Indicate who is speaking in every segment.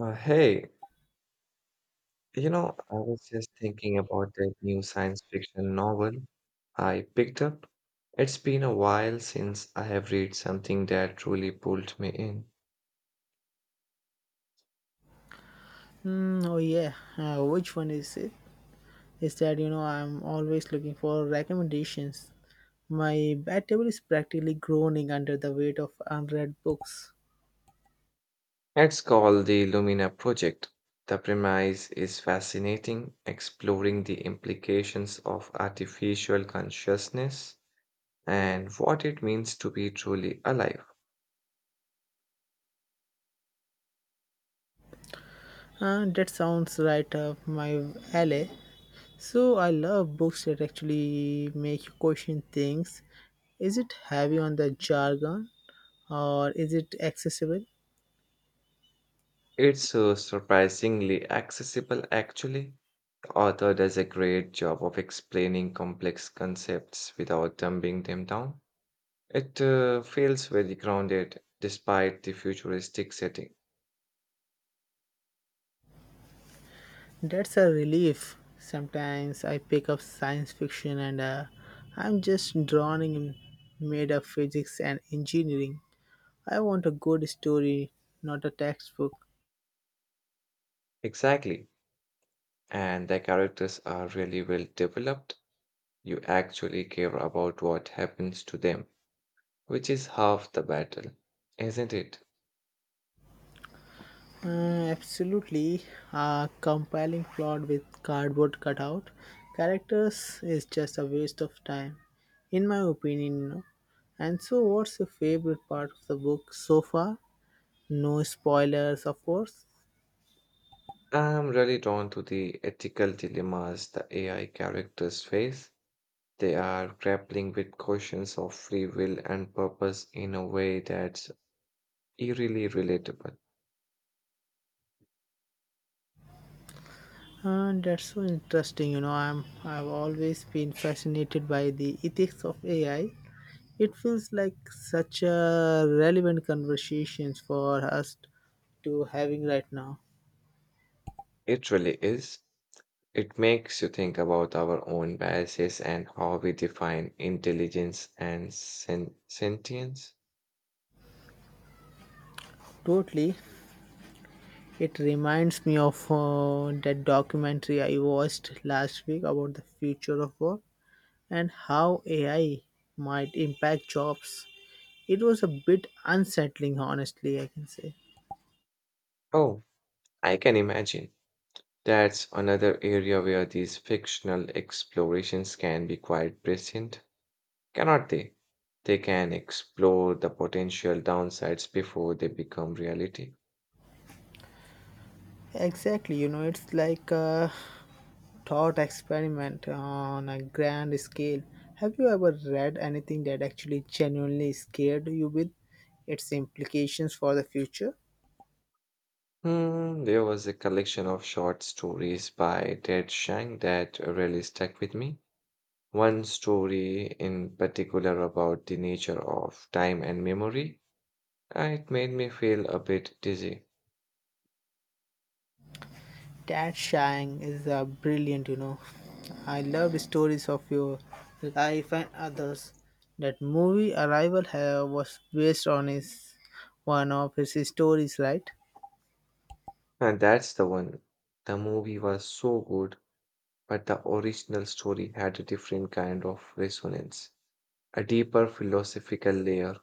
Speaker 1: Hey, you know, I was just thinking about that new science fiction novel I picked up. It's been a while since I have read something that truly pulled me in.
Speaker 2: Hmm. Oh yeah. Which one is it? Is that I'm always looking for recommendations. My bed table is practically groaning under the weight of unread books.
Speaker 1: It's called The Lumina Project. The premise is fascinating, exploring the implications of artificial consciousness and what it means to be truly alive.
Speaker 2: That sounds right up my alley. So I love books that actually make you question things. Is it heavy on the jargon, or is it accessible?
Speaker 1: It's surprisingly accessible, actually. Author does a great job of explaining complex concepts without dumbing them down. It feels very grounded despite the futuristic setting.
Speaker 2: That's a relief. Sometimes I pick up science fiction and I'm just drowning in made up physics and engineering. I want a good story, not a textbook.
Speaker 1: Exactly. And the characters are really well developed. You actually care about what happens to them, which is half the battle, isn't it?
Speaker 2: Uh, Absolutely, a compelling plot with cardboard cutout characters is just a waste of time, in my opinion. And so, what's your favorite part of the book so far? No spoilers, of course.
Speaker 1: I'm really drawn to the ethical dilemmas the AI characters face. They are grappling with questions of free will and purpose in a way that's eerily relatable.
Speaker 2: That's so interesting. You know, I've always been fascinated by the ethics of AI. It feels like such a relevant conversations for us to having right now.
Speaker 1: It really is. It makes you think about our own biases and how we define intelligence and sentience.
Speaker 2: Totally, it reminds me of that documentary I watched last week about the future of work and how AI might impact jobs. It was a bit unsettling, honestly. I can say.
Speaker 1: Oh, I can imagine. That's another area where these fictional explorations can be quite prescient, cannot they? They can explore the potential downsides before they become reality.
Speaker 2: Exactly, you know, it's like. Thought experiment on a grand scale. Have you ever read anything that actually genuinely scared you with its implications for the future?
Speaker 1: Hmm, there was a collection of short stories by Ted Chiang that really stuck with me. One story in particular about the nature of time and memory, it made me feel a bit dizzy.
Speaker 2: That Shang is brilliant, you know. I love stories of your life and others. That movie Arrival was based on his one of his stories, right?
Speaker 1: And that's the one. The movie was so good, but the original story had a different kind of resonance, a deeper philosophical layer.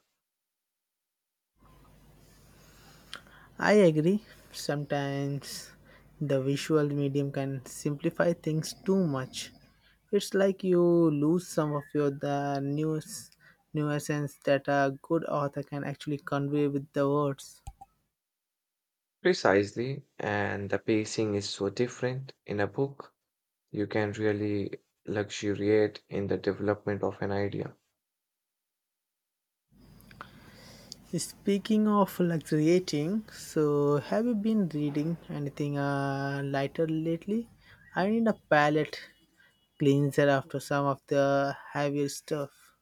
Speaker 2: I agree. Sometimes the visual medium can simplify things too much. It's like you lose some of your the news nuisance that a good author can actually convey with the words.
Speaker 1: Precisely, and the pacing is so different. In a book, you can really luxuriate in the development of an idea.
Speaker 2: Speaking of luxuriating, so have you been reading anything lighter lately? I need a palette cleanser after some of the heavier stuff.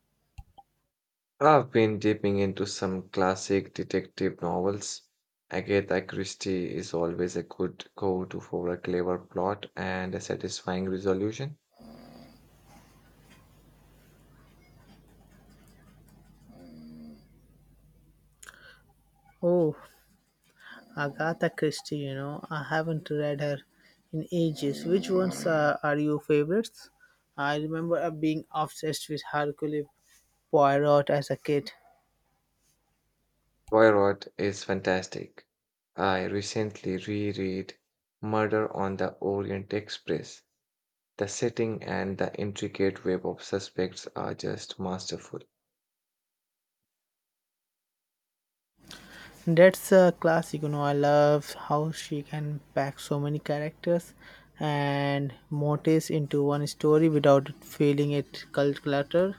Speaker 1: I've been dipping into some classic detective novels. Agatha Christie is always a good go-to for a clever plot and a satisfying resolution.
Speaker 2: Oh, Agatha Christie, you know, I haven't read her in ages. Which ones are your favorites? I remember being obsessed with Hercule Poirot as a kid.
Speaker 1: Poirot is fantastic. I recently reread Murder on the Orient Express. The setting and the intricate web of suspects are just masterful.
Speaker 2: That's a classic, you know. I love how she can pack so many characters and motifs into one story without feeling it cult clutter.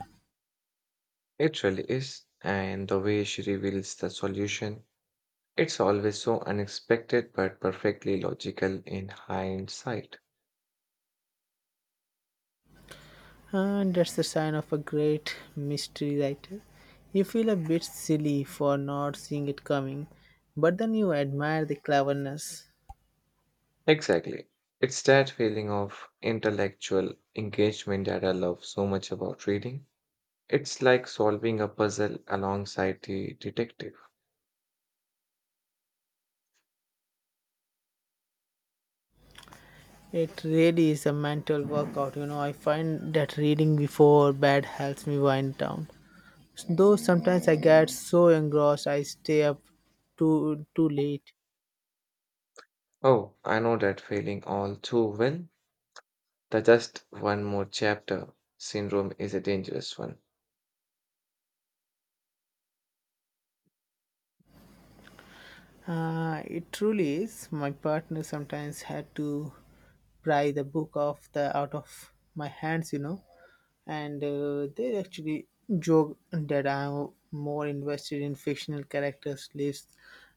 Speaker 1: It really is, and the way she reveals the solution, it's always so unexpected but perfectly logical in hindsight.
Speaker 2: And that's the sign of a great mystery writer. You feel a bit silly for not seeing it coming, but then you admire the cleverness.
Speaker 1: Exactly. It's that feeling of intellectual engagement that I love so much about reading. It's like solving a puzzle alongside the detective.
Speaker 2: It really is a mental workout, you know. I find that reading before bed helps me wind down. Though sometimes I get so engrossed I stay up too late.
Speaker 1: Oh, I know that feeling all too well. The just one more chapter syndrome is a dangerous one.
Speaker 2: It truly is. My partner sometimes had to pry the book off the out of my hands, you know, and they actually joke that I'm more invested in fictional characters' lives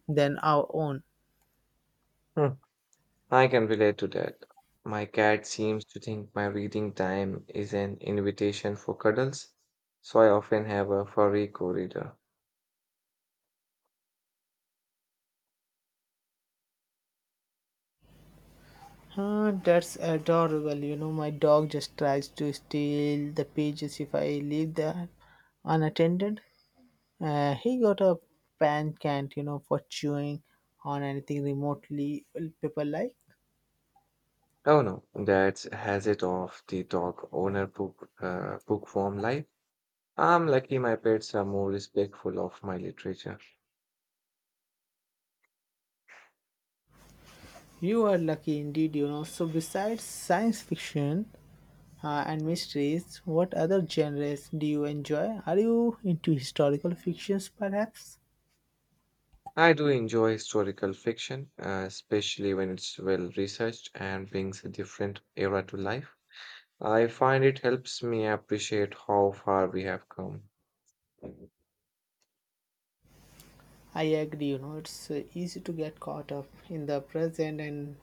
Speaker 2: than our own.
Speaker 1: I can relate to that. My cat seems to think my reading time is an invitation for cuddles, so I often have a furry co-reader.
Speaker 2: That's adorable. You know, my dog just tries to steal the pages if I leave them unattended. He got a pan cant, you know, for chewing on anything remotely paper like.
Speaker 1: Oh no, that has it off the dog owner book bookworm life. I'm lucky my pets are more respectful of my literature.
Speaker 2: You are lucky indeed, you know. So, besides science fiction and mysteries, what other genres do you enjoy? Are you into historical fictions, perhaps?
Speaker 1: I do enjoy historical fiction, especially when it's well researched and brings a different era to life. I find it helps me appreciate how far we have come.
Speaker 2: I agree, you know, it's easy to get caught up in the present and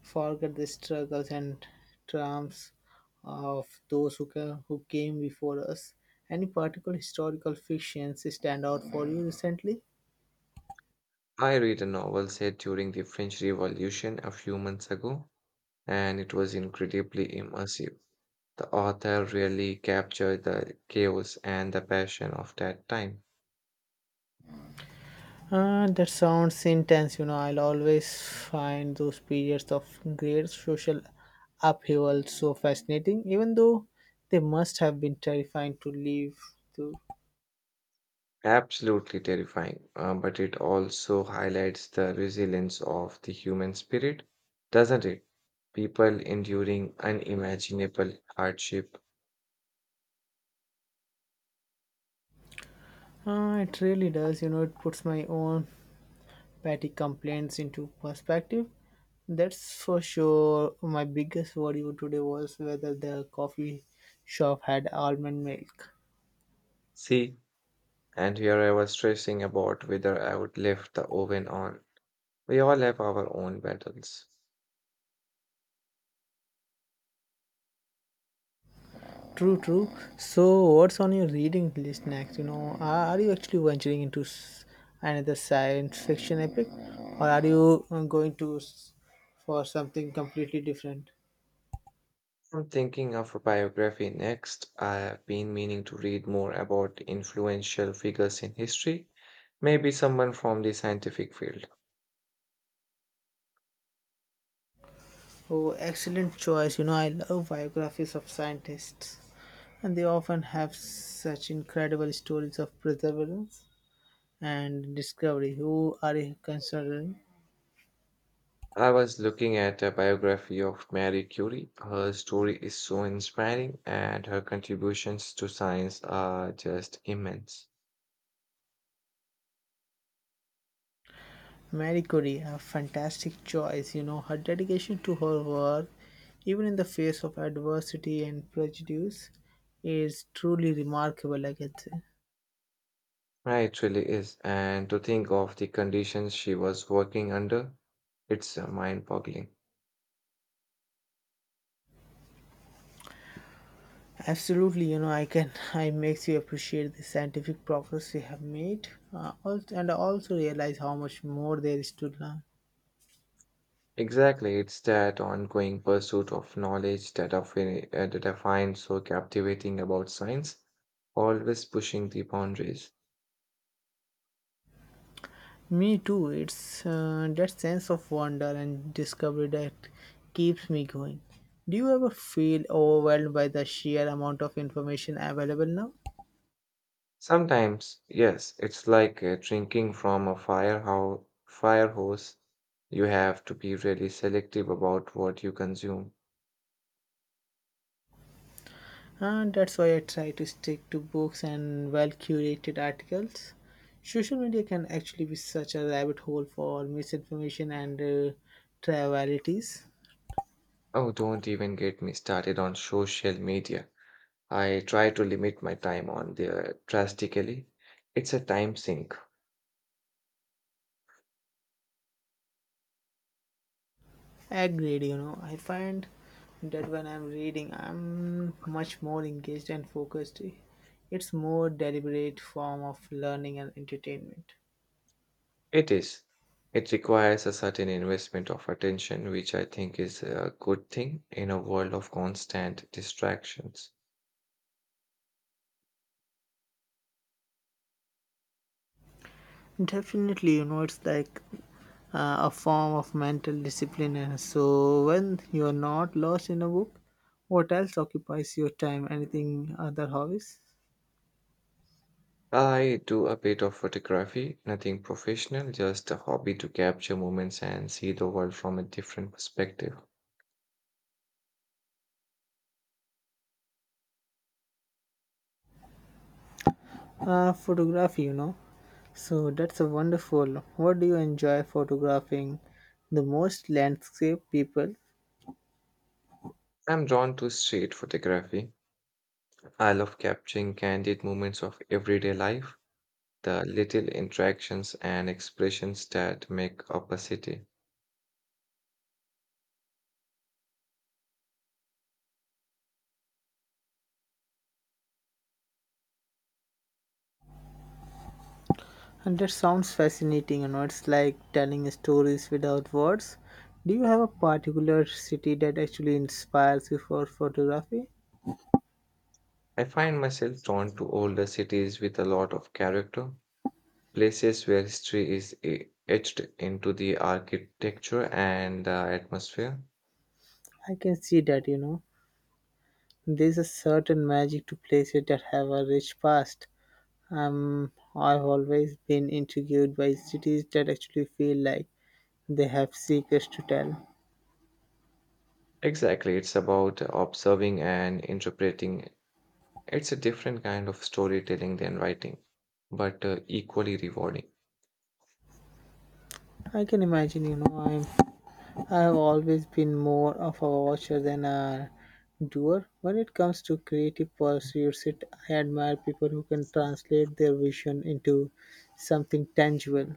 Speaker 2: forget the struggles and triumphs of those who came before us. Any particular historical fictions stand out for you recently?
Speaker 1: I read a novel set during the French Revolution a few months ago, and it was incredibly immersive. The author really captured the chaos and the passion of that time.
Speaker 2: That sounds intense. You know, I'll always find those periods of great social upheaval so fascinating, even though they must have been terrifying to live through.
Speaker 1: Absolutely terrifying, but it also highlights the resilience of the human spirit, doesn't it? People enduring unimaginable hardship.
Speaker 2: It really does. You know, it puts my own petty complaints into perspective. That's for sure. My biggest worry today was whether the coffee shop had almond milk.
Speaker 1: See, and here I was stressing about whether I would leave the oven on. We all have our own battles.
Speaker 2: True, true. So, what's on your reading list next? You know, are you actually venturing into another science fiction epic, or are you going to for something completely different?
Speaker 1: I'm thinking of a biography next. I've been meaning to read more about influential figures in history, maybe someone from the scientific field.
Speaker 2: Oh, excellent choice. You know, I love biographies of scientists, and they often have such incredible stories of perseverance and discovery. Who are you considering?
Speaker 1: I was looking at a biography of Marie Curie. Her story is so inspiring, and her contributions to science are just immense.
Speaker 2: Marie Curie, a fantastic choice. You know, her dedication to her work, even in the face of adversity and prejudice, is truly remarkable, I can say.
Speaker 1: Right, it really is. And to think of the conditions she was working under, it's mind boggling.
Speaker 2: Absolutely, you know, I can, I makes you appreciate the scientific progress we have made, also, and also realize how much more there is to learn.
Speaker 1: Exactly, it's that ongoing pursuit of knowledge that that I find so captivating about science, always pushing the boundaries.
Speaker 2: Me too, it's that sense of wonder and discovery that keeps me going. Do you ever feel overwhelmed by the sheer amount of information available now?
Speaker 1: Sometimes, yes, it's like drinking from a fire hose. You have to be really selective about what you consume.
Speaker 2: And that's why I try to stick to books and well curated articles. Social media can actually be such a rabbit hole for misinformation and trivialities.
Speaker 1: Oh, don't even get me started on social media. I try to limit my time on there drastically. It's a time sink.
Speaker 2: Agreed, you know. I find that when I'm reading, I'm much more engaged and focused. It's more deliberate form of learning and entertainment.
Speaker 1: It is. It requires a certain investment of attention, which I think is a good thing in a world of constant distractions.
Speaker 2: Definitely, you know, it's like a form of mental discipline. So when you're not lost in a book, what else occupies your time? Anything other hobbies?
Speaker 1: I do a bit of photography, nothing professional, just a hobby to capture moments and see the world from a different perspective.
Speaker 2: Photography, you know. So that's a wonderful. What do you enjoy photographing the most? Landscape, people.
Speaker 1: I'm drawn to street photography. I love capturing candid moments of everyday life, the little interactions and expressions that make up a city.
Speaker 2: And that sounds fascinating, you know. It's like telling stories without words. Do you have a particular city that actually inspires you for photography?
Speaker 1: I find myself drawn to older cities with a lot of character, places where history is etched into the architecture and the atmosphere.
Speaker 2: I can see that, you know. There's a certain magic to places that have a rich past. I've always been intrigued by cities that actually feel like they have secrets to tell.
Speaker 1: Exactly, it's about observing and interpreting. It's a different kind of storytelling than writing, but equally rewarding.
Speaker 2: I can imagine, you know, I have always been more of a watcher than a doer. When it comes to creative pursuits, it I admire people who can translate their vision into something tangible.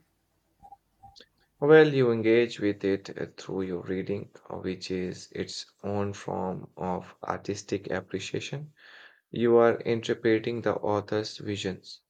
Speaker 1: Well, you engage with it through your reading, which is its own form of artistic appreciation. You are interpreting the author's visions.